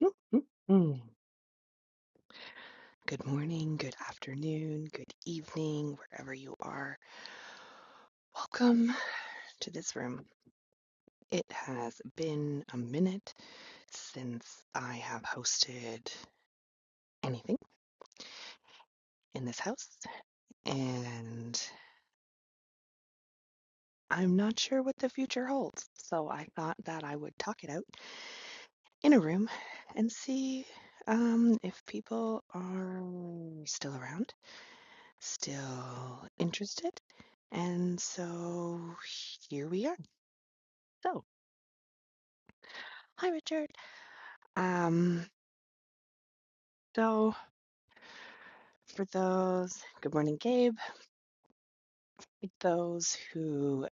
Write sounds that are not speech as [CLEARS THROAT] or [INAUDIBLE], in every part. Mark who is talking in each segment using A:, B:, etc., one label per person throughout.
A: Whoop, whoop, mm. Good morning, good afternoon, good evening, wherever you are. Welcome to this room. It has been a minute since I have hosted anything in this house, and I'm not sure what the future holds. So I thought that I would talk it out in a room and see um, if people are still around, still interested. And so here we are. So, hi, Richard. Um, so, for those, good morning, Gabe. For those who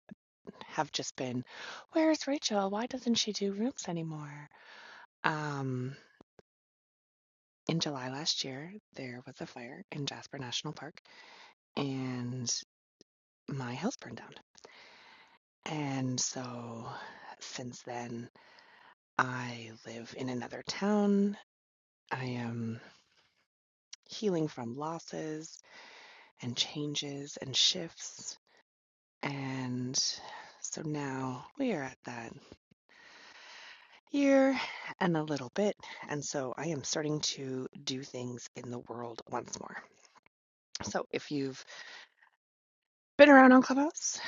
A: have just been, where's Rachel? Why doesn't she do rooms anymore? Um, in July last year, there was a fire in Jasper National Park, and my house burned down. And so, since then, I live in another town. I am healing from losses and changes and shifts And so now we are at that year and a little bit. And so I am starting to do things in the world once more. So if you've been around on Clubhouse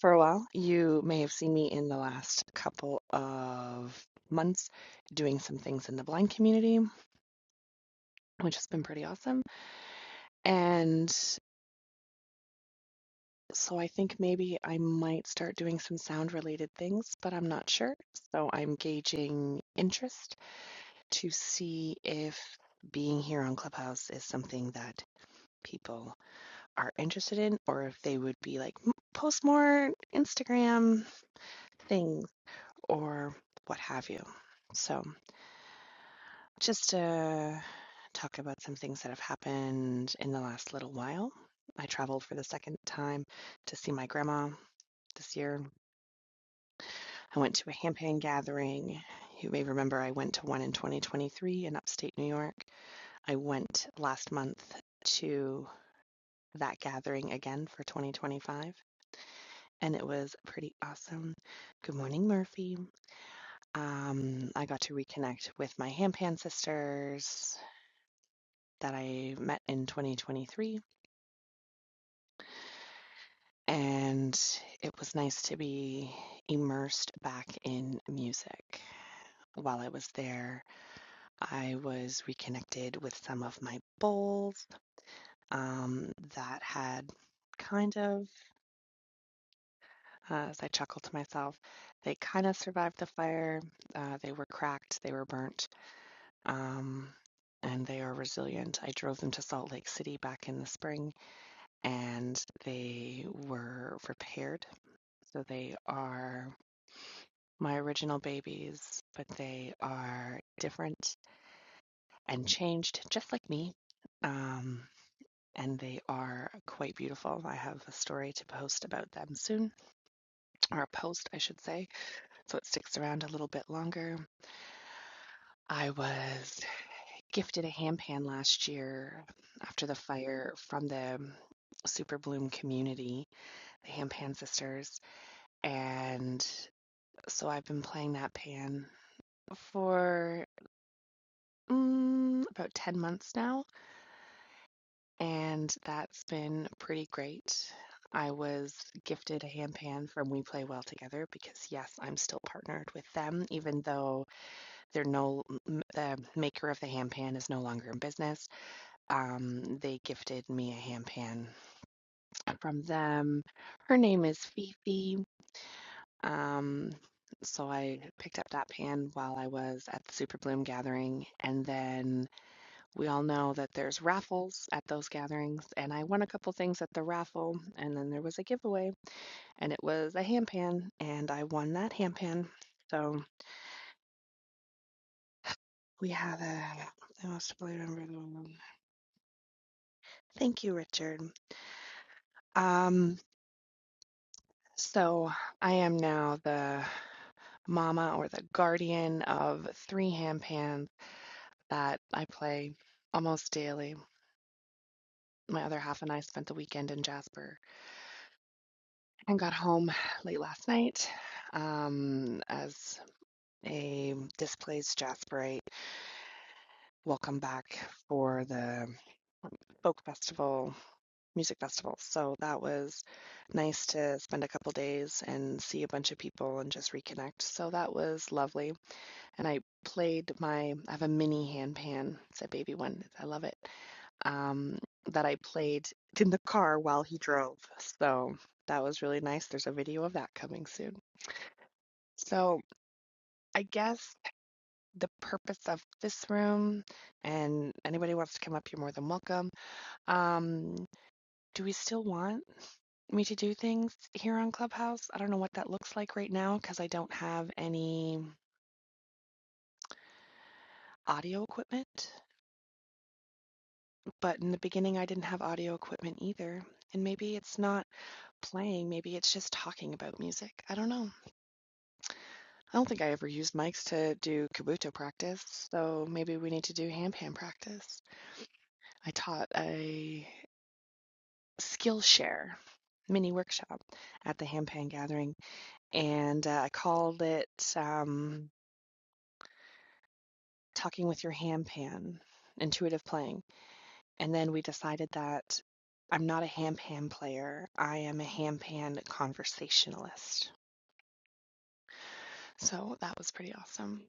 A: for a while, you may have seen me in the last couple of months doing some things in the blind community, which has been pretty awesome. And so I think maybe I might start doing some sound related things, but I'm not sure. So I'm gauging interest to see if being here on Clubhouse is something that people are interested in, or if they would be like, "Mm, post more Instagram things or what have you. So, just to talk about some things that have happened in the last little while. I traveled for the second time to see my grandma this year. I went to a campaign gathering. You may remember I went to one in 2023 in upstate New York. I went last month to. that gathering again for 2025 and it was pretty awesome. Good morning, Murphy. Um, I got to reconnect with my Hampan sisters that I met in 2023, and it was nice to be immersed back in music. While I was there, I was reconnected with some of my bowls um, that had kind of uh, as I chuckled to myself. They kind of survived the fire. Uh, they were cracked, they were burnt, um, and they are resilient. I drove them to Salt Lake City back in the spring and they were repaired. So they are my original babies, but they are different and changed just like me. Um, and they are quite beautiful. I have a story to post about them soon, or a post, I should say, so it sticks around a little bit longer. I was gifted a handpan last year after the fire from the Super Bloom community, the Handpan Sisters. And so I've been playing that pan for mm, about 10 months now, and that's been pretty great. I was gifted a handpan from We Play Well Together because, yes, I'm still partnered with them, even though they're no, the maker of the handpan is no longer in business. Um, they gifted me a handpan from them. Her name is Fifi. Um, so I picked up that pan while I was at the Super Bloom gathering. And then we all know that there's raffles at those gatherings. And I won a couple things at the raffle. And then there was a giveaway, and it was a handpan. And I won that handpan. So we had a, I must have believe Thank you, Richard. Um, so I am now the mama or the guardian of three ham pans that I play almost daily. My other half and I spent the weekend in Jasper and got home [SIGHS] late last night um, as a displaced Jasperite welcome back for the folk festival, music festival. So that was nice to spend a couple days and see a bunch of people and just reconnect. So that was lovely. and I played my I have a mini handpan. It's a baby one. I love it. Um, that I played in the car while he drove. So that was really nice. There's a video of that coming soon. So I guess the purpose of this room, and anybody who wants to come up, you're more than welcome. Um, do we still want me to do things here on Clubhouse? I don't know what that looks like right now because I don't have any audio equipment. But in the beginning, I didn't have audio equipment either, and maybe it's not playing, maybe it's just talking about music. I don't know. I don't think I ever used mics to do kabuto practice, so maybe we need to do ham pan practice. I taught a Skillshare mini workshop at the ham pan gathering, and uh, I called it um, Talking with Your Ham Pan Intuitive Playing And then we decided that I'm not a ham pan player. I am a ham pan conversationalist. So that was pretty awesome.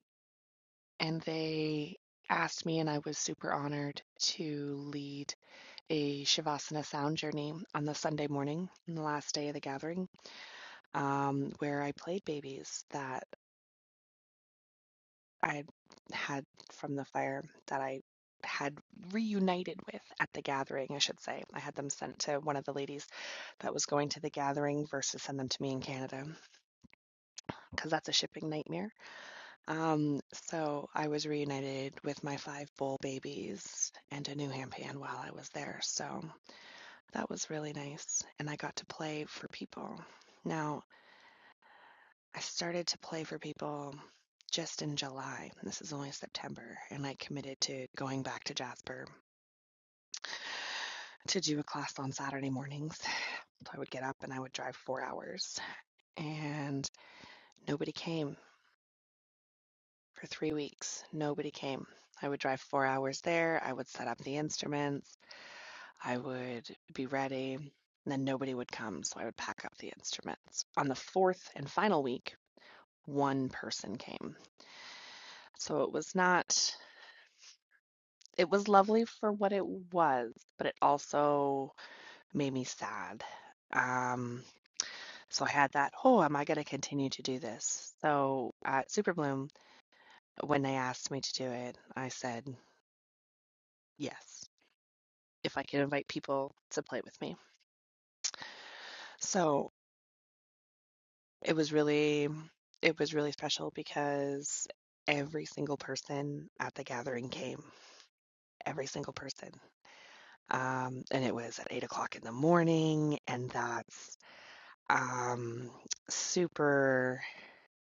A: And they asked me, and I was super honored to lead a Shavasana sound journey on the Sunday morning, on the last day of the gathering, um, where I played babies that I had from the fire that I had reunited with at the gathering, I should say. I had them sent to one of the ladies that was going to the gathering versus send them to me in Canada because that's a shipping nightmare. Um, so I was reunited with my five bull babies and a new hampan while I was there. So that was really nice. And I got to play for people. Now, I started to play for people just in July. This is only September. And I committed to going back to Jasper to do a class on Saturday mornings. So I would get up and I would drive four hours. And nobody came For three weeks, nobody came. I would drive four hours there. I would set up the instruments. I would be ready. And then nobody would come. So I would pack up the instruments. On the fourth and final week, one person came. So it was not, it was lovely for what it was, but it also made me sad. Um, so I had that, oh, am I going to continue to do this? So at Super Bloom, when they asked me to do it, I said yes. if I could invite people to play with me. So it was really it was really special because every single person at the gathering came every single person um, and it was at eight o'clock in the morning and that's um, super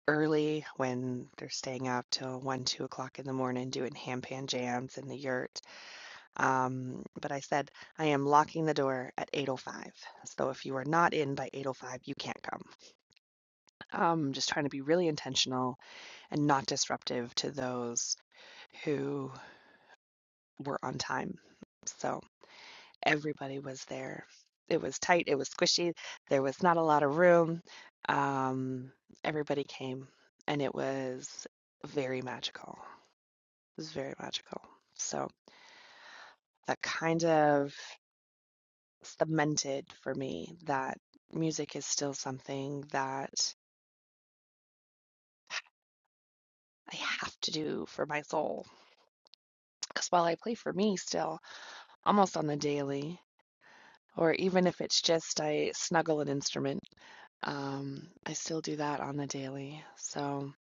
A: early when they're staying up till one two o'clock in the morning doing ham pan jams in the yurt um, but i said i am locking the door at 805 so if you are not in by 805 you can't come Um, just trying to be really intentional and not disruptive to those who were on time. So everybody was there. It was tight, it was squishy, there was not a lot of room. Um, everybody came, and it was very magical. It was very magical. So that kind of cemented for me that music is still something that I have to do for my soul. Because while I play for me still, almost on the daily, or even if it's just I snuggle an instrument, um, I still do that on the daily. So,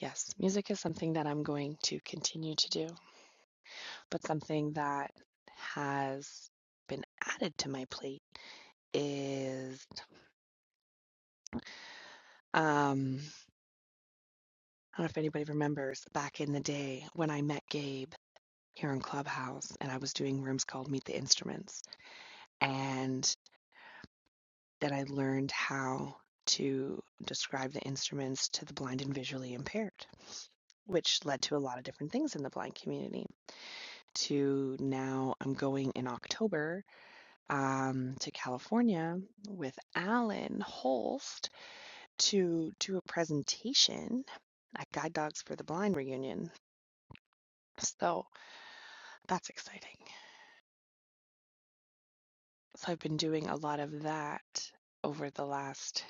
A: yes, music is something that I'm going to continue to do, but something that has been added to my plate is um, I don't know if anybody remembers back in the day when I met Gabe here in Clubhouse and I was doing rooms called Meet the Instruments. And that I learned how to describe the instruments to the blind and visually impaired, which led to a lot of different things in the blind community. To now, I'm going in October um, to California with Alan Holst to do a presentation at Guide Dogs for the Blind reunion. So that's exciting. So I've been doing a lot of that over the last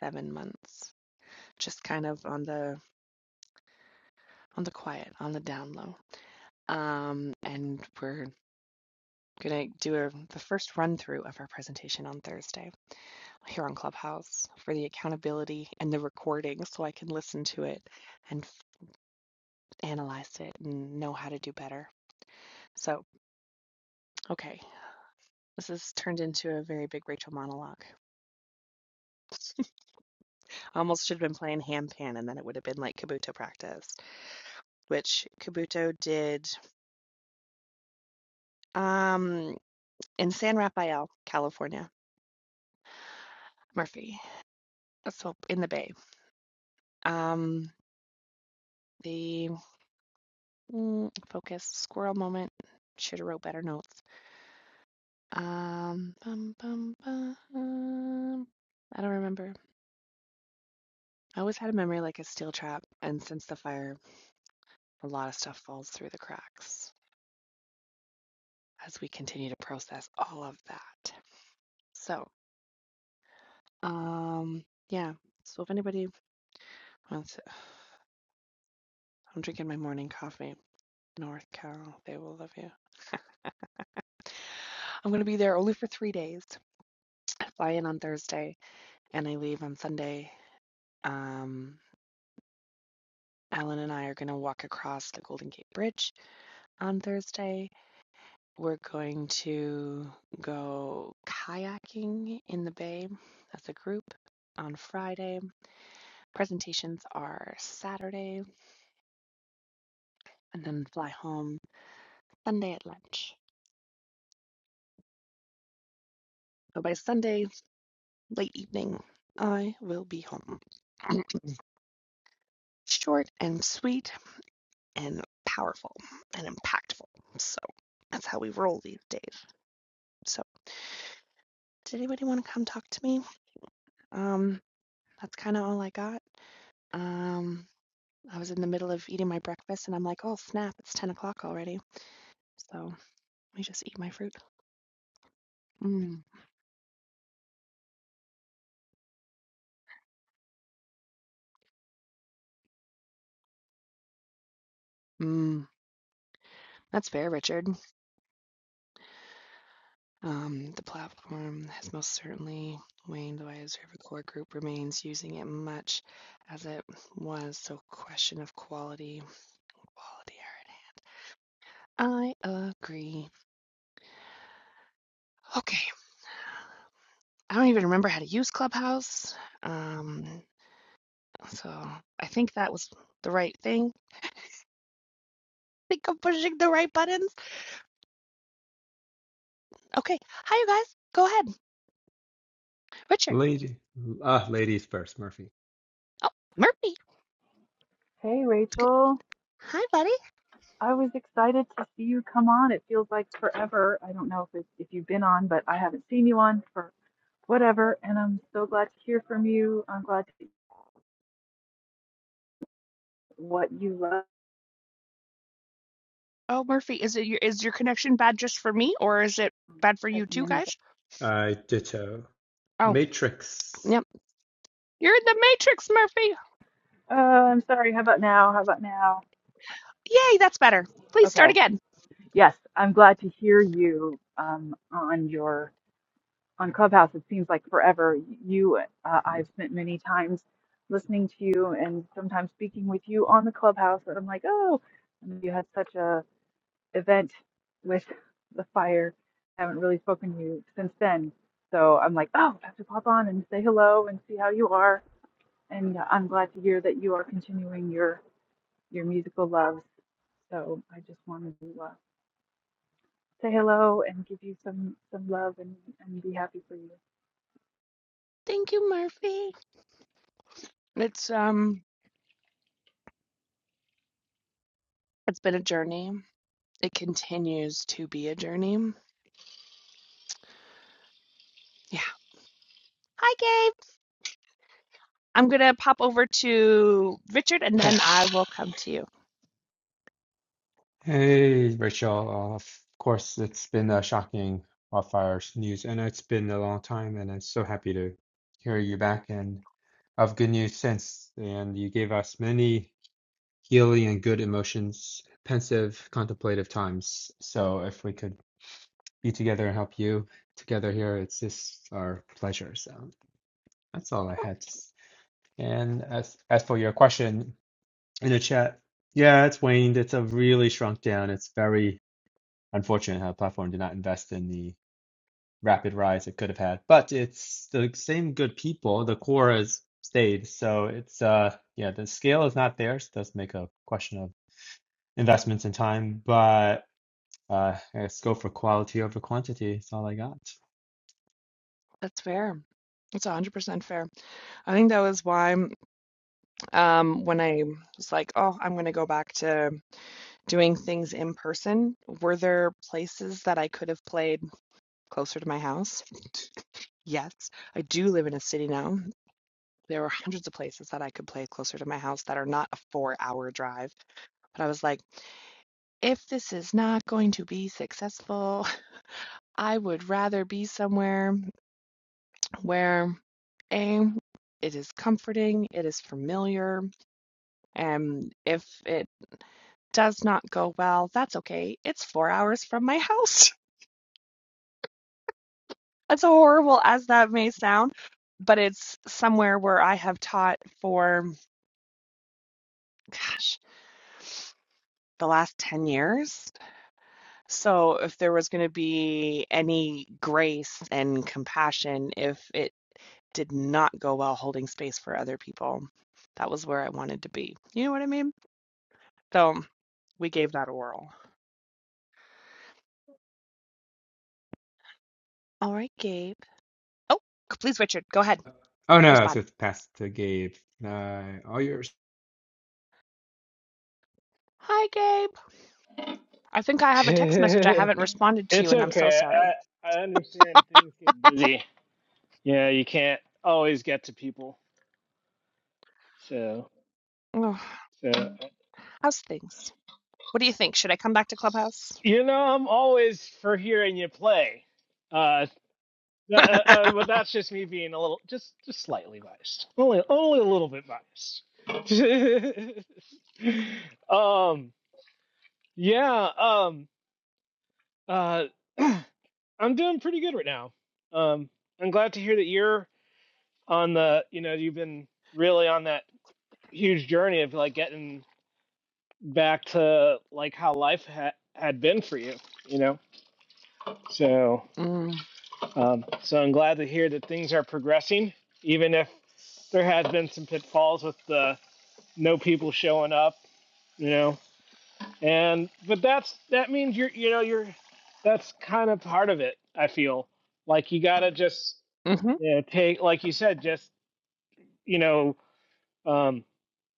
A: seven months, just kind of on the on the quiet, on the down low. Um, and we're going to do a, the first run through of our presentation on Thursday here on Clubhouse for the accountability and the recording so I can listen to it and analyze it and know how to do better. So, okay, this has turned into a very big Rachel monologue. I almost should have been playing Ham Pan and then it would have been like Kabuto practice, which Kabuto did um, in San Rafael, California. Murphy, so in the Bay. Um, the Mm, focus, squirrel moment. Should have wrote better notes. Um, bum, bum, bum. I don't remember. I always had a memory like a steel trap, and since the fire, a lot of stuff falls through the cracks as we continue to process all of that. So, um, yeah. So if anybody wants, to, I'm drinking my morning coffee. North Carol, they will love you. I'm gonna be there only for three days. I fly in on Thursday, and I leave on Sunday. Um, Alan and I are going to walk across the Golden Gate Bridge on Thursday. We're going to go kayaking in the bay as a group on Friday. Presentations are Saturday and then fly home Sunday at lunch. So by Sunday, late evening, I will be home. [CLEARS THROAT] Short and sweet and powerful and impactful. So that's how we roll these days. So did anybody want to come talk to me? Um, That's kind of all I got. Um, I was in the middle of eating my breakfast and I'm like, oh snap, it's 10 o'clock already. So let me just eat my fruit. Mm. Mm. That's fair, Richard. Um, the platform has most certainly waned though I observe a core group remains using it much as it was. So question of quality, quality are at hand. I agree. Okay. I don't even remember how to use Clubhouse. Um, so I think that was the right thing. think I'm pushing the right buttons. Okay. Hi, you guys. Go ahead. Richard.
B: Lady, ah, ladies first, Murphy.
A: Oh, Murphy.
C: Hey, Rachel.
A: Hi, buddy.
C: I was excited to see you come on. It feels like forever. I don't know if it's, if you've been on, but I haven't seen you on for whatever. And I'm so glad to hear from you. I'm glad to what you love
A: Oh, Murphy, is it your is your connection bad just for me, or is it bad for you
C: checking
A: too,
C: in with.
A: guys?
B: I ditto.
A: Oh,
B: Matrix.
A: yep. You're in the matrix, Murphy.
C: Uh, I'm sorry. How about now? How about now?
A: Yay, that's better. Please start
C: Okay.
A: again.
C: Yes, I'm glad to hear you um, on your on Clubhouse. It seems like forever. You, uh, I've spent many times listening to you and sometimes speaking with you on the Clubhouse, and I'm like, oh, you had such a event with the fire. I haven't really spoken to you since then. So I'm like, oh, I have to pop on and say hello and see how you are. And I'm glad to hear that you are continuing your, your musical loves. So I just wanted to uh, say hello and give you some, some love and, and be happy for you.
A: Thank you, Murphy. It's um it's been a journey. It continues to be a journey. Yeah. Hi, Gabe. I'm gonna pop over to Richard and then I will come to you.
B: Hey, Rachel. Uh, of course, it's been uh, shocking wildfire news, and it's been a long time, and I'm so happy to hear you back and of good news since. And you gave us many healing and good emotions, pensive, contemplative times. So if we could be together and help you together here, it's just our pleasure. So that's all I had to s- and as as for your question, in the chat. Yeah, it's waned. It's a really shrunk down. It's very unfortunate how the platform did not invest in the rapid rise it could have had. But it's the same good people. The core has stayed. So it's uh yeah, the scale is not there. So it does make a question of investments and time. but. Uh, let's go for quality over quantity. That's all I got.
A: That's fair. That's 100% fair. I think that was why um, when I was like, oh, I'm going to go back to doing things in person, were there places that I could have played closer to my house? [LAUGHS] Yes, I do live in a city now. There were hundreds of places that I could play closer to my house that are not a four hour drive. But I was like, if this is not going to be successful, I would rather be somewhere where A, it is comforting, it is familiar, Um, if it does not go well, that's okay. It's four hours from my house. [LAUGHS] As horrible as that may sound, but it's somewhere where I have taught for, gosh, the last 10 years. So if there was going to be any grace and compassion, if it did not go well holding space for other people, that was where I wanted to be. You know what I mean? So we gave that a whirl. All right, Gabe. Oh, please, Richard, go ahead.
B: Oh no,
A: Respond.
B: so it's passed to Gabe. Uh, all yours.
A: Hi, Gabe. I think I
D: [LAUGHS]
A: have a text message I
D: it's
A: haven't responded to you, and I'm so
D: okay.
A: sorry.
D: I I understand things get busy. Yeah, you can't always get to people. So
A: Ugh.
D: so
A: How's things? What do you think? Should I come back to Clubhouse?
D: you know, I'm always for hearing you play. Uh, uh, uh, uh, but that's just me being a little, just just slightly biased. Only only a little bit biased. [LAUGHS] um. Yeah. Um. Uh. [CLEARS THROAT] I'm doing pretty good right now. Um. I'm glad to hear that you're on the. You know, you've been really on that huge journey of like getting back to like how life ha- had been for you you know so
A: Mm.
D: um so i'm glad to hear that things are progressing even if there has been some pitfalls with the no people showing up you know and but that's that means you're you know you're that's kind of part of it i feel like you gotta just
A: Mm-hmm.
D: you know, take like you said just you know um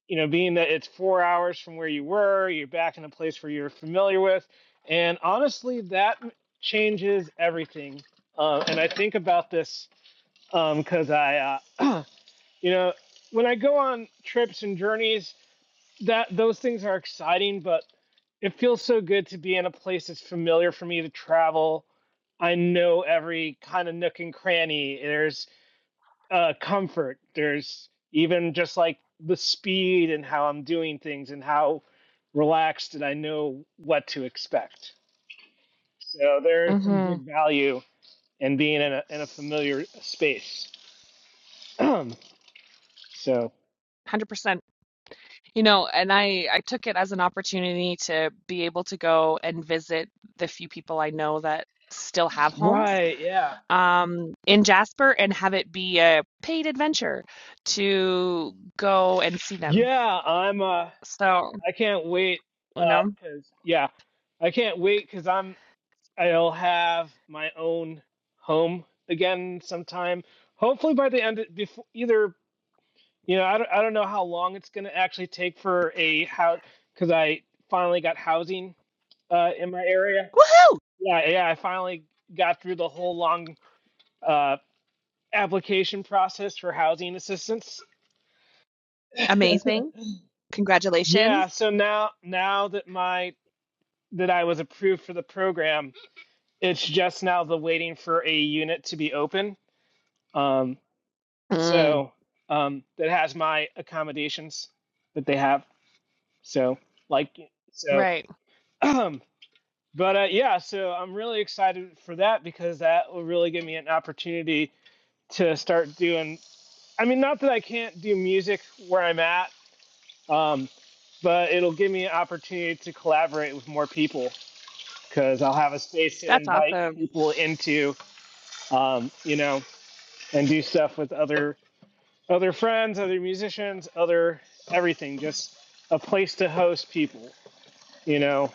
D: you know, being that it's four hours from where you were, you're back in a place where you're familiar with. And honestly, that changes everything. Uh, and I think about this because um, I, uh, [CLEARS THROAT] you know, when I go on trips and journeys, that those things are exciting, but it feels so good to be in a place that's familiar for me to travel. I know every kind of nook and cranny. There's uh, comfort. There's even just like the speed and how I'm doing things and how relaxed and I know what to expect. So there's
A: Mm-hmm.
D: some
A: one
D: big value in being in a, in a familiar space. [CLEARS THROAT] so
A: Hundred percent. You know, and I I took it as an opportunity to be able to go and visit the few people I know that still have homes
D: right, yeah,
A: um, in Jasper and have it be a paid adventure to go and see them.
D: yeah. I'm. Uh,
A: So
D: I can't wait.
A: you
D: Uh,
A: know,
D: Cause yeah, I can't wait because I'm. I'll have my own home again sometime. Hopefully by the end, of, before either You know, I don't, I don't know how long it's going to actually take for a house because I finally got housing uh, in my area.
A: woohoo!
D: Yeah, yeah, I finally got through the whole long uh, application process for housing assistance.
A: Amazing.
D: Yeah,
A: Congratulations.
D: so now now that my that I was approved for the program, it's just now the waiting for a unit to be open. Um,
A: Mm.
D: so um, that has my accommodations that they have. So like so
A: Right.
D: [CLEARS THROAT] But uh, yeah, so I'm really excited for that because that will really give me an opportunity to start doing. I mean, not that I can't do music where I'm at, um, but it'll give me an opportunity to collaborate with more people because I'll have a space to
A: That's
D: invite
A: awesome.
D: people into, um, you know, and do stuff with other other friends, other musicians, other everything. Just a place to host people, you know.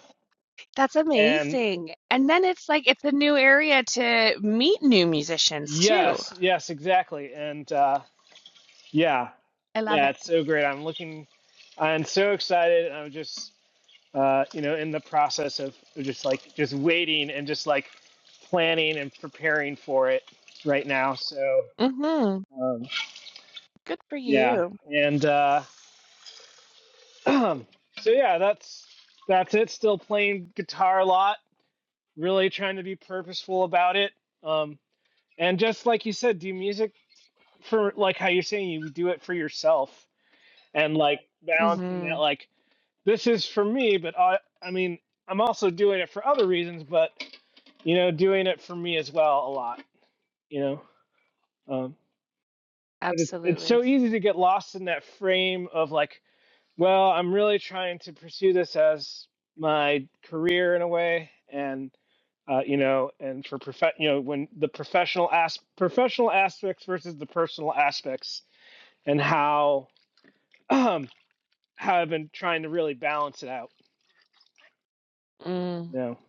A: That's
D: And
A: amazing. And then it's like it's a new area to meet new musicians too.
D: yes, yes, exactly. And uh, Yeah,
A: I love
D: yeah,
A: it.
D: it's so great. I'm looking, I'm so excited. I'm just, uh, you know, in the process of just like just waiting and just like planning and preparing for it right now. So
A: hmm
D: um,
A: Good for
D: yeah,
A: you.
D: and uh, [CLEARS THROAT] so yeah, that's that's it. Still playing guitar a lot. Really trying to be purposeful about it. Um, and just like you said, do music for like how you're saying you do it for yourself and like balancing
A: hmm
D: that like this is for me, but I, I mean, I'm also doing it for other reasons, but you know, doing it for me as well a lot, you know. Um, but it's it's
A: Absolutely.
D: so easy to get lost in that frame of like, well, I'm really trying to pursue this as my career in a way, and uh, you know, and for prof, you know, when the professional as professional aspects versus the personal aspects, and how [CLEARS THROAT] um, how I've been trying to really balance it out,
A: Mm.
D: you know.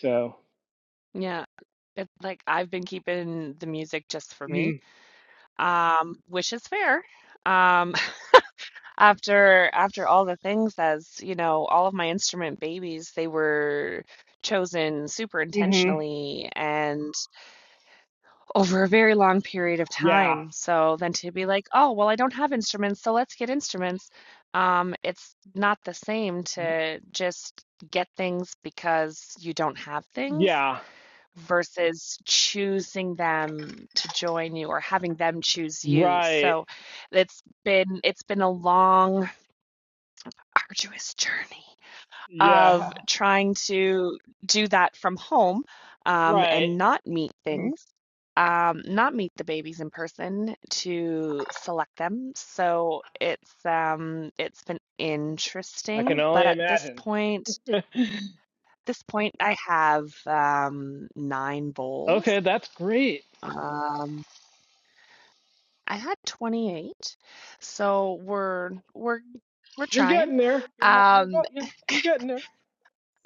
D: So,
A: Yeah. It's like I've been keeping the music just for me,
D: mm-hmm,
A: um, which is fair. Um, [LAUGHS] after after all the things, as you know, all of my instrument babies, they were chosen super
D: Mm-hmm.
A: intentionally, and. over a very long period of
D: Yeah.
A: time. So then to be like, oh, well, I don't have instruments, so let's get instruments. Um, it's not the same to just get things because you don't have things
D: Yeah.
A: versus choosing them to join you or having them choose you.
D: Right.
A: So it's been it's been a long, arduous journey
D: Yeah.
A: of trying to do that from home um,
D: Right.
A: and not meet things, um, not meet the babies in person to select them. So it's um, it's been
D: I can
A: interesting, but
D: only
A: at this
D: imagine.
A: point,
D: [LAUGHS]
A: this point, I have um, nine bowls.
D: okay, that's great.
A: Um, I had 28, so we're we're we're
D: You're
A: trying.
D: getting there. You're ha- you're
A: Um,
D: about you're,
A: [LAUGHS]
D: you're getting there.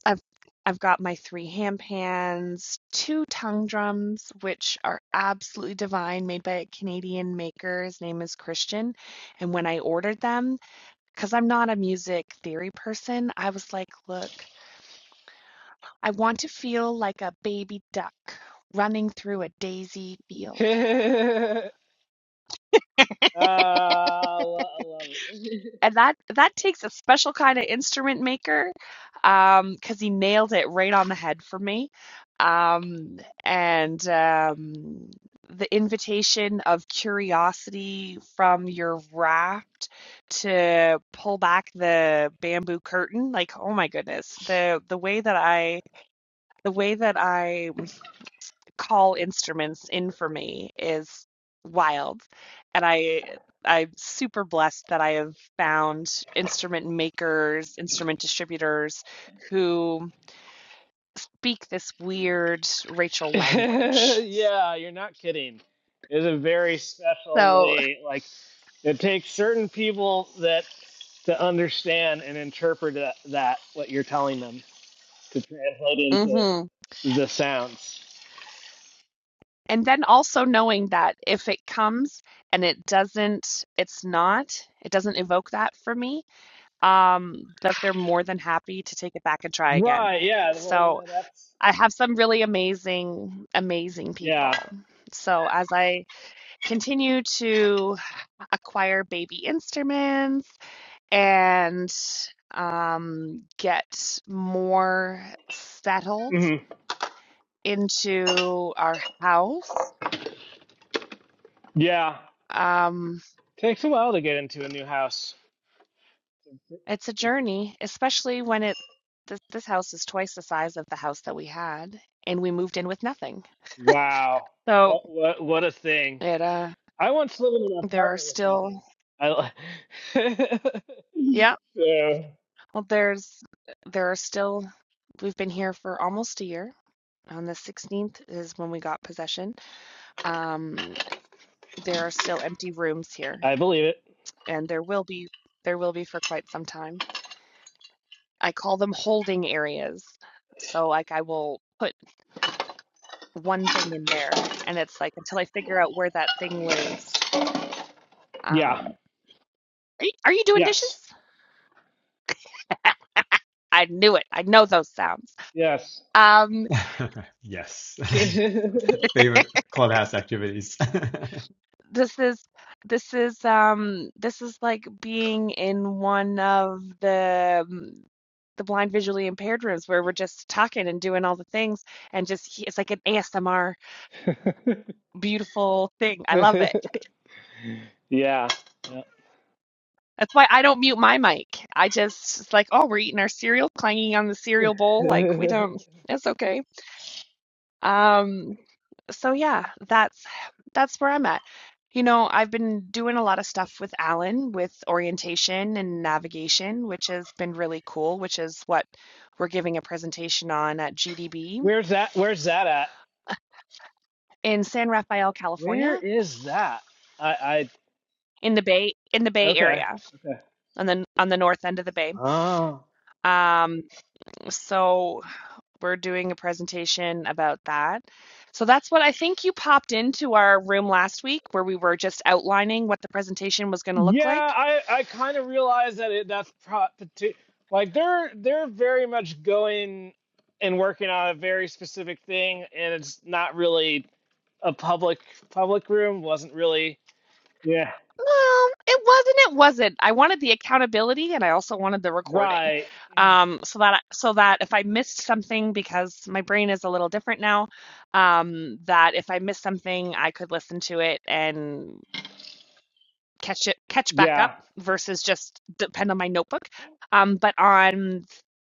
A: I've I've got my three ham pans, two tongue drums, which are absolutely divine, made by a Canadian maker. His name is Christian. And when I ordered them, because I'm not a music theory person, I was like, look, I want to feel like a baby duck running through a daisy field.
D: [LAUGHS] uh, I lo- I love
A: and that that takes a special kind of instrument maker um because he nailed it right on the head for me um and um the invitation of curiosity from your raft to pull back the bamboo curtain like oh my goodness the the way that i the way that i call instruments in for me is wild. And I I'm super blessed that I have found instrument makers, instrument distributors who speak this weird Rachel
D: it.
A: language.
D: [LAUGHS] yeah, you're not kidding. It's a very special
A: So,
D: way. Like it takes certain people that to understand and interpret that, that what you're telling them to translate into
A: mhm.
D: the sounds.
A: And then also knowing that if it comes and it doesn't, it's not, it doesn't evoke that for me, um, that they're more than happy to take it back and try again.
D: Right. Yeah. Well, you
A: So,
D: know, that's
A: I have some really amazing, amazing
D: yeah.
A: people. So as I continue to acquire baby instruments and um, get more settled
D: hmm
A: into our house,
D: Yeah.
A: um,
D: Takes a while to get into a new house.
A: it's a journey, especially when it this, this house is twice the size of the house that we had, and we moved in with nothing.
D: Wow.
A: So
D: What what what a thing.
A: it uh,
D: I once lived in an
A: there are
D: apartment with
A: still,
D: nothing. I li-
A: yeah.
D: [LAUGHS] so
A: Well, there's there are still we've been here for almost a year. On the 16th is when we got possession. Um, there are still empty rooms here,
D: I believe it.
A: and there will be there will be for quite some time. I call them holding areas. So like I will put one thing in there, and it's like until I figure out where that thing lives.
D: Yeah.
A: Um, are you, are you doing dishes?
D: Yes.
A: [LAUGHS] I knew it. I know those sounds.
D: Yes.
A: Um,
B: [LAUGHS] Yes.
D: [LAUGHS]
B: [LAUGHS] Favorite clubhouse activities.
A: this is this is um this is like being in one of the um, the blind visually impaired rooms where we're just talking and doing all the things and just it's like an ASMR beautiful thing. I love it.
D: yeah. yeah.
A: That's why I don't mute my mic. I just it's like, oh, we're eating our cereal, clanging on the cereal bowl. Like we
D: [LAUGHS]
A: don't. It's okay. Um, so yeah, that's that's where I'm at. You know, I've been doing a lot of stuff with Alan with orientation and navigation, which has been really cool, which is what we're giving a presentation on at GDB
D: Where's that where's that at?
A: in San Rafael,
D: Where
A: California,
D: is that? I I
A: in the Bay in the Bay
D: okay.
A: Area,
D: Okay.
A: on the on the north end of the Bay.
D: Oh.
A: Um, so We're doing a presentation about that. So that's what I think you popped into our room last week where we were just outlining what the presentation was going to look
D: Yeah,
A: like.
D: I I kind of realize that it that's pro- parti- like they're they're very much going and working on a very specific thing, and it's not really a public public room. wasn't really yeah
A: Well, it wasn't. It wasn't. I wanted the accountability and I also wanted the recording,
D: right
A: um, so that so that if I missed something because my brain is a little different now, um, that if I missed something, I could listen to it and catch it catch back up
D: yeah
A: versus just depend on my notebook. Um, but on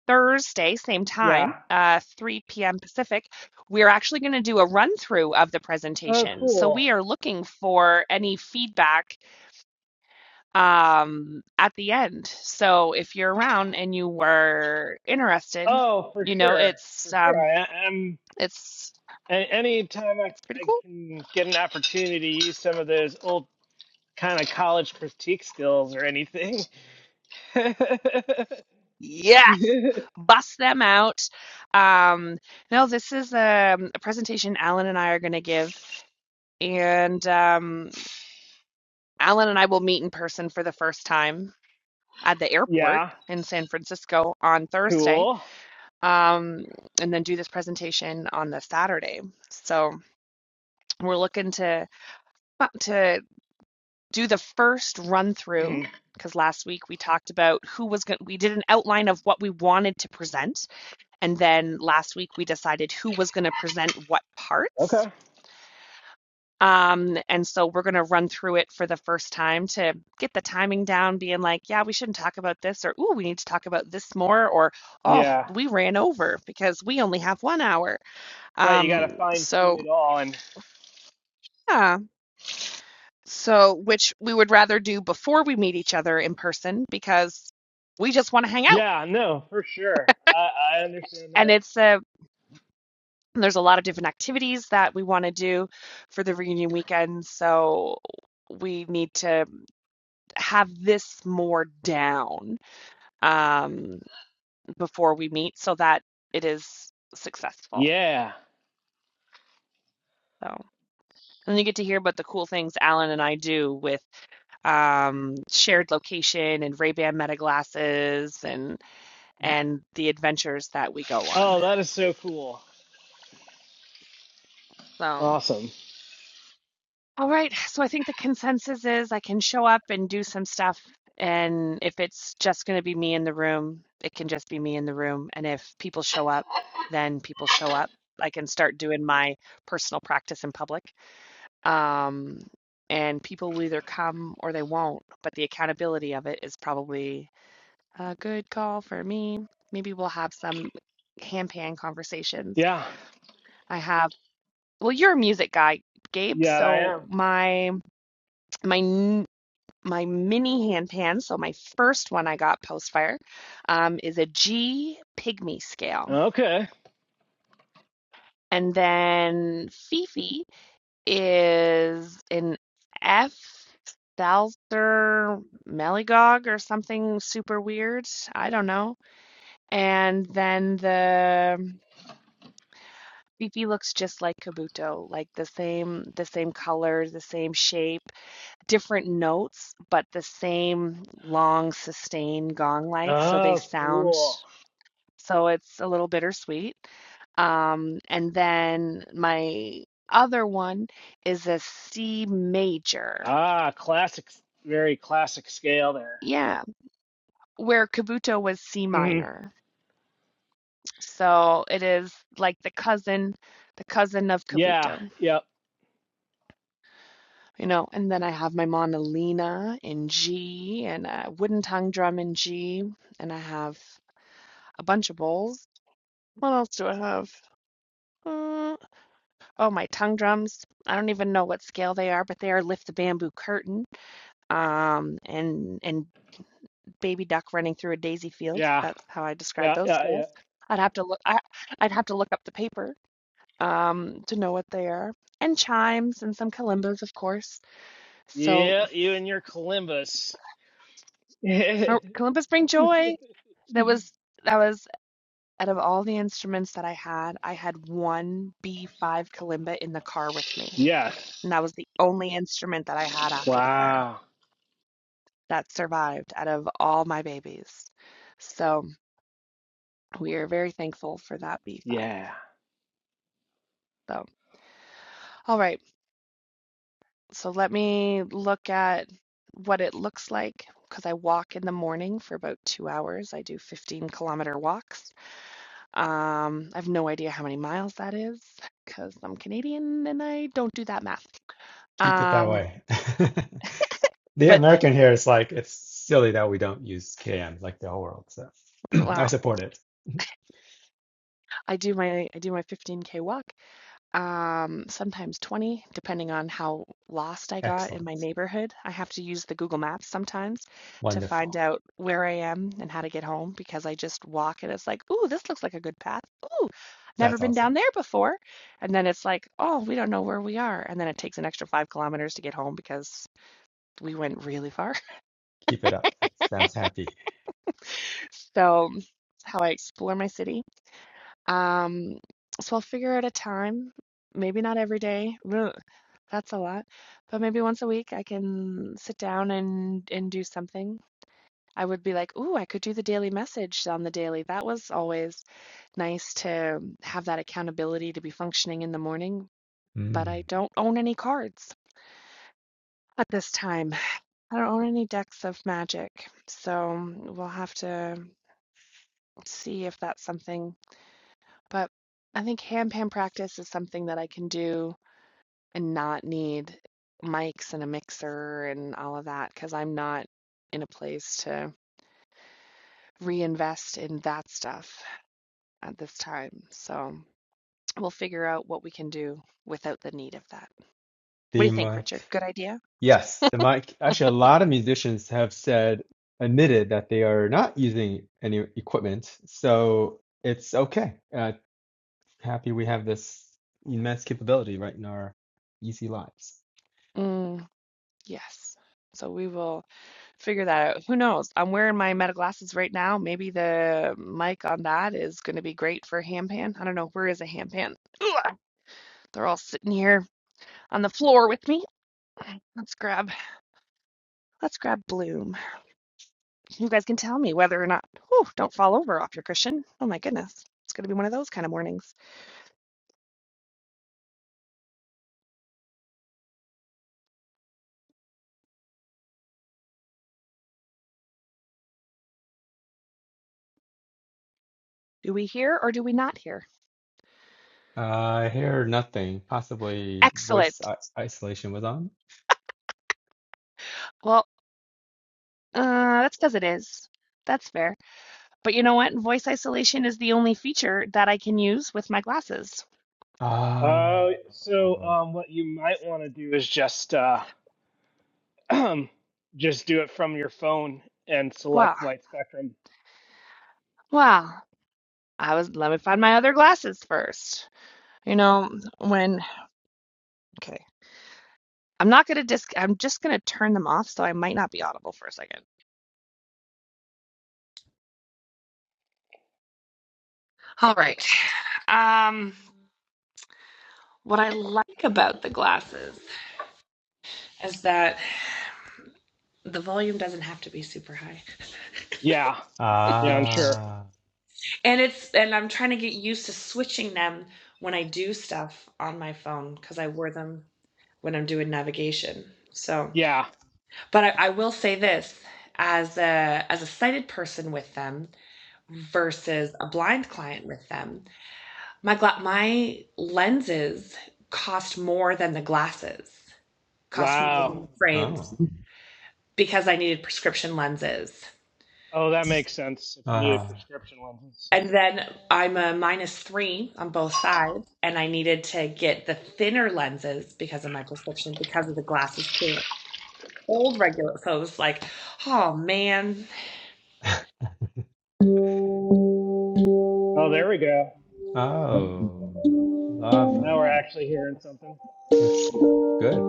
A: Thursday, same time,
D: yeah
A: uh, 3 p.m. Pacific, we're actually going to do a run through of the
D: oh
A: presentation. So we
D: cool
A: are looking for any feedback um, at the end. So if you're around and you were interested,
D: oh for
A: you know
D: sure
A: it's
D: for sure
A: um,
D: I am
A: it's
D: any time I
A: it's pretty
D: I
A: cool.
D: can get an opportunity to use some of those old kind of college critique skills or anything.
A: Yes,
D: [LAUGHS]
A: bust them out. Um, no, this is um, a presentation Alan and I are going to give, and um, Alan and I will meet in person for the first time at the airport
D: Yeah.
A: in San Francisco on Thursday,
D: Cool.
A: um, and then do this presentation on the Saturday. So we're looking to uh, to do the first run through
D: Mhm.
A: because last week we talked about who was going. We did an outline of what we wanted to present And then last week we decided who was going to present what parts.
D: Okay.
A: Um, and so we're going to run through it for the first time to get the timing down, being like, yeah, we shouldn't talk about this, or ooh, we need to talk about this more, or oh,
D: Yeah.
A: we ran over because we only have one hour.
D: Right. You got
A: Um,
D: to fine tune
A: so
D: it all. And
A: yeah, so which we would rather do before we meet each other in person because we just want to hang out.
D: yeah, no, for sure. I, I understand
A: And
D: that.
A: it's a There's a lot of different activities that we want to do for the reunion weekend, so we need to have this more down um, before we meet so that it is successful.
D: Yeah.
A: So, and you get to hear about the cool things Alan and I do with um, shared location and Ray-Ban Meta glasses and and the adventures that we go on.
D: Oh, that is so cool.
A: So.
D: Awesome.
A: All right. So I think the consensus is I can show up and do some stuff. And if it's just going to be me in the room, it can just be me in the room. And if people show up, then people show up. I can start doing my personal practice in public. Um, and people will either come or they won't. But the accountability of it is probably a good call for me. Maybe we'll have some hand pan conversations.
D: Yeah.
A: I have, well, you're a music guy, Gabe.
D: Yeah, I
A: So
D: am.
A: my my my mini hand pan, so my first one I got post fire, um, is a G pygmy scale.
D: Okay.
A: And then Fifi is an F salzer Meligog or something super weird. I don't know. And then the Fifi looks just like Kabuto, like the same the same color, the same shape. different notes, but the same long sustained gong like. So they
D: Oh,
A: sound,
D: cool.
A: so it's a little bittersweet. Um, and then my other one is a C major.
D: Ah, classic. Very classic scale there.
A: Yeah, where Kabuto was C
D: hmm
A: minor. So it is like the cousin, the cousin of
D: Yeah.
A: Kabuto,
D: Yep.
A: you know. And then I have my Monolina in G and a wooden tongue drum in G, and I have a bunch of bowls What else do I have? Uh, oh, my tongue drums. I don't even know what scale they are, but they are Lift the Bamboo Curtain, um, and and Baby Duck Running Through a Daisy Field.
D: Yeah.
A: That's how I describe
D: Yeah.
A: those
D: Yeah. Yeah.
A: scales. I'd have to look. I, I'd have to look up the paper um, to know what they are. And chimes and some kalimbas, of course. So
D: Yeah. You and your Columbus. [LAUGHS] yeah.
A: er, kalimbas bring joy. That was that was out of all the instruments that I had, I had one B5 kalimba in the car with me. and that was the only instrument that I had after the fire
D: Wow.
A: that survived out of all my babies. So we are very thankful for that B5.
D: Yeah.
A: So, all right, so let me look at what it looks like because I walk in the morning for about two hours. I do 15 kilometer walks. Um, I have no idea how many miles that is because I'm Canadian and I don't do that math.
B: [LAUGHS] Keep it that
A: Um,
B: way. [LAUGHS] the
A: but
B: American here is like it's silly that we don't use KM like the whole world. So [CLEARS THROAT] I
A: well,
B: support it. [LAUGHS]
A: I do my I do my 15K walk um, sometimes 20, depending on how lost I got in
B: Excellent.
A: my neighborhood. I have to use the Google Maps sometimes to
B: Wonderful.
A: find out where I am and how to get home because I just walk and it's like, ooh, this looks like a good path. Ooh, never
B: That's
A: been
B: awesome.
A: down there before. And then it's like, oh, we don't know where we are. And then it takes an extra five kilometers to get home because we went really far. [LAUGHS]
B: Keep it up. It sounds happy.
A: So, it's how I explore my city. Um, so I'll figure out a time, maybe not every day. Ugh, that's a lot. But maybe once a week I can sit down and and do something. I would be like, "Ooh, I could do the daily message on the daily." That was always nice to have that accountability to be functioning in the morning, but I
B: Mm.
A: don't own any cards at this time. I don't own any decks of magic. So we'll have to see if that's something. But I think hand pan practice is something that I can do And not need mics and a mixer and all of that because 'cause I'm not in a place to reinvest in that stuff at this time. So we'll figure out what we can do without the need of that. What do
B: The
A: you think, Richard?
B: mic.
A: Good idea?
B: Yes, the mic.
A: [LAUGHS]
B: Actually, a lot of musicians have said, admitted that they are not using any equipment. So it's okay. Uh, happy we have this immense capability right in our easy lives.
A: Mm, yes. So we will. Figure that out. Who knows? I'm wearing my Meta glasses right now. Maybe the mic on that is going to be great for Hampan. I don't know. Where is a Hampan? Ugh, they're all sitting here on the floor with me. Let's grab, let's grab Bloom. You guys can tell me whether or not. Whew, don't fall over off your cushion. Oh my goodness, it's going to be one of those kind of mornings. Do we hear or do we not hear?
B: Uh, I hear nothing. Possibly
A: Excellent.
B: voice isolation was on.
A: Well, uh, that's because it is. That's fair. But you know what? Voice isolation is the only feature that I can use with my glasses.
B: Ah.
D: Uh, so
B: Oh.
D: um, what you might want to do is just uh, [CLEARS THROAT] just do it from your phone and
A: Wow.
D: select white spectrum.
A: Wow. I was let me find my other glasses first. You know, when okay. I'm not gonna dis I'm just gonna turn them off so I might not be audible for a second. All right. Um what I like about the glasses is that the volume doesn't have to be super high.
D: Yeah, yeah, I'm sure.
B: Ah.
A: And it's and I'm trying to get used to switching them when I do stuff on my phone because I wear them when I'm doing navigation. So,
D: Yeah.
A: but I, I will say this as a as a sighted person with them, versus a blind client with them. My gla- my lenses cost more than the glasses, cost more than
D: Wow.
A: the frames
B: Oh.
A: because I needed prescription lenses.
D: Oh, that makes sense. If you needed
B: Ah.
D: prescription lenses.
A: And then I'm a minus three on both sides, and I needed to get the thinner lenses because of my prescription, because of the glasses too. Old regular, so it was like, oh man.
B: [LAUGHS]
D: Oh, there we go.
B: Oh. Lava.
D: Now we're
A: All
D: actually hearing something.
B: It's good.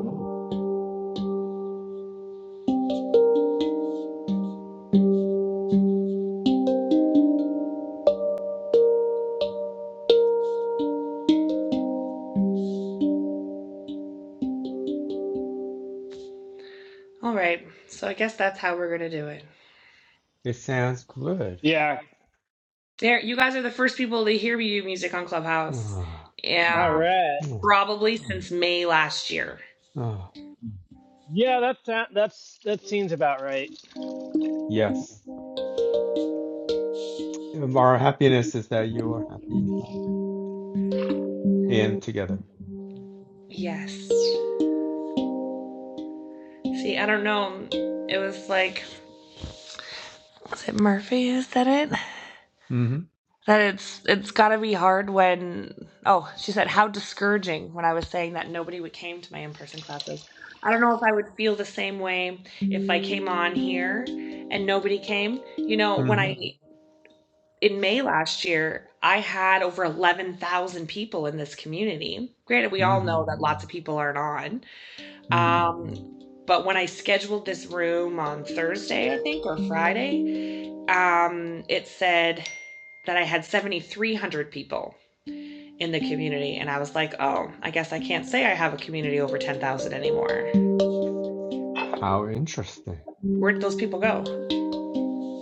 A: right, so I guess that's how we're gonna do it.
B: It sounds good.
D: Yeah.
A: There, you guys are the first people to hear me do music on Clubhouse.
B: Ah.
D: All
A: Yeah,
D: right.
B: Oh.
A: probably since May last year.
B: Oh.
D: Yeah, that's that. That's that seems about right.
B: Yes. Um, Our happiness is that you are happy and together.
A: Yes. See, I don't know. It was like, was it Murphy who said it?
B: Mm-hmm.
A: That it's it's got to be hard when. Oh, she said how discouraging when I was saying that nobody would came to my in person classes. I don't know if I would feel the same way if I came on here and nobody came. You know, when
B: hmm
A: I in May last year, I had over 11,000 people in this community. Granted, we all
B: hmm
A: know that lots of people aren't on.
B: Mm.
A: Um, but when I scheduled this room on Thursday, I think, or Friday, um, it said that I had 7,300 people in the community. And I was like, oh, I guess I can't say I have a community over 10,000 anymore.
B: How interesting.
A: Where'd those people go?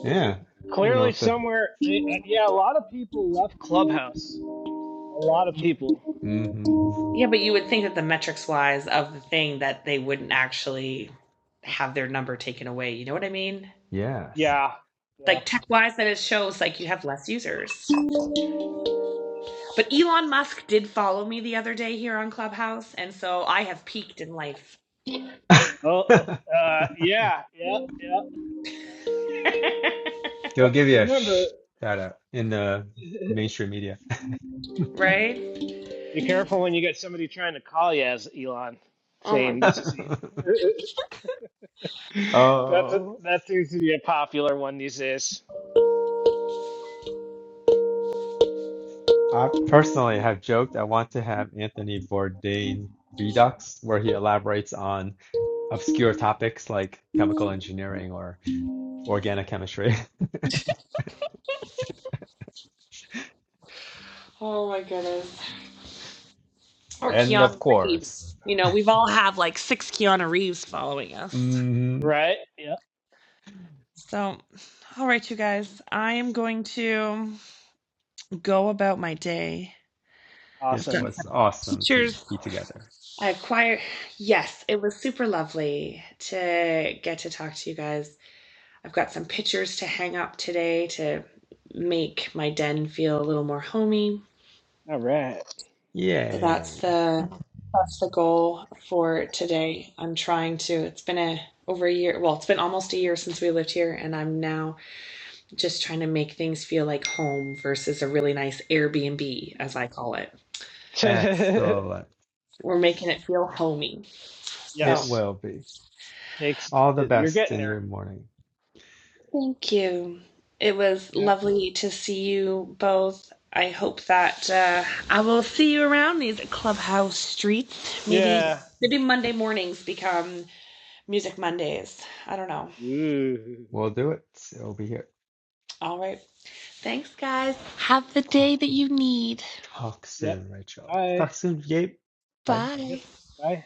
B: Yeah. I don't know
D: Clearly,
B: what the.
D: somewhere. eh, eh, Yeah, a lot of people left Clubhouse. A lot of people.
B: hmm
A: Yeah, but you would think that the metrics wise of the thing that they wouldn't actually have their number taken away. You know what I mean?
B: Yes.
D: Yeah. Yeah.
A: like tech wise that it shows like you have less users. But Elon Musk did follow me the other day here on Clubhouse, and so I have peaked in life,
D: Oh, oh,
B: [LAUGHS]
D: uh, yeah, yeah, yeah.
B: He'll
D: But
B: give you a
D: remember,
B: shout out in the
D: [LAUGHS]
B: mainstream media.
A: right?
D: be careful when you get somebody trying to call you as Elon,
A: Oh my,
D: saying
B: [LAUGHS]
D: this is. [LAUGHS] that's a,
B: Oh,
D: that seems to be a popular one these days,
B: I personally have joked I want to have Anthony Bourdain Redux, where he elaborates on obscure topics like chemical engineering or organic chemistry. [LAUGHS]
A: oh my goodness! Or
B: And of
A: Keanu
B: course,
A: Reeves. You know, we've all have like six Keanu Reeves following us.
B: mhm,
D: right? Yeah.
A: So, all right, you guys, I am going to go about my day. I've
B: it
A: got
D: Awesome.
B: was
A: some
B: awesome to
A: teachers.
B: be together.
A: I acquired. Yes, it was super lovely to get to talk to you guys I've got some pictures to hang up today to make my den feel a little more homey.
D: All right.
A: So
B: Yay.
A: that's the that's the goal for today. I'm trying to. It's been a over a year. Well, it's been almost a year since we lived here, and I'm now just trying to make things feel like home versus a really nice Airbnb, as I call it.
D: [LAUGHS]
B: Excellent.
A: We're making it feel homey.
B: It
A: So
D: yes.
B: will be.
D: Takes.
B: All the
D: You're
B: best
D: getting
B: in your
D: there.
B: morning.
A: Thank you. It was
D: Yeah.
A: lovely to see you both. I hope that uh, I will see you around these clubhouse streets. Maybe
D: Yeah.
A: maybe Monday mornings become Music Mondays. I don't know.
D: Ooh.
B: We'll do it. It'll be here.
A: All right. Thanks, guys. Have the day that you need.
B: Talk
D: Yep.
B: soon, Rachel.
D: Bye.
B: Talk soon, Gabe. Bye.
A: Bye.
D: Yep. Bye.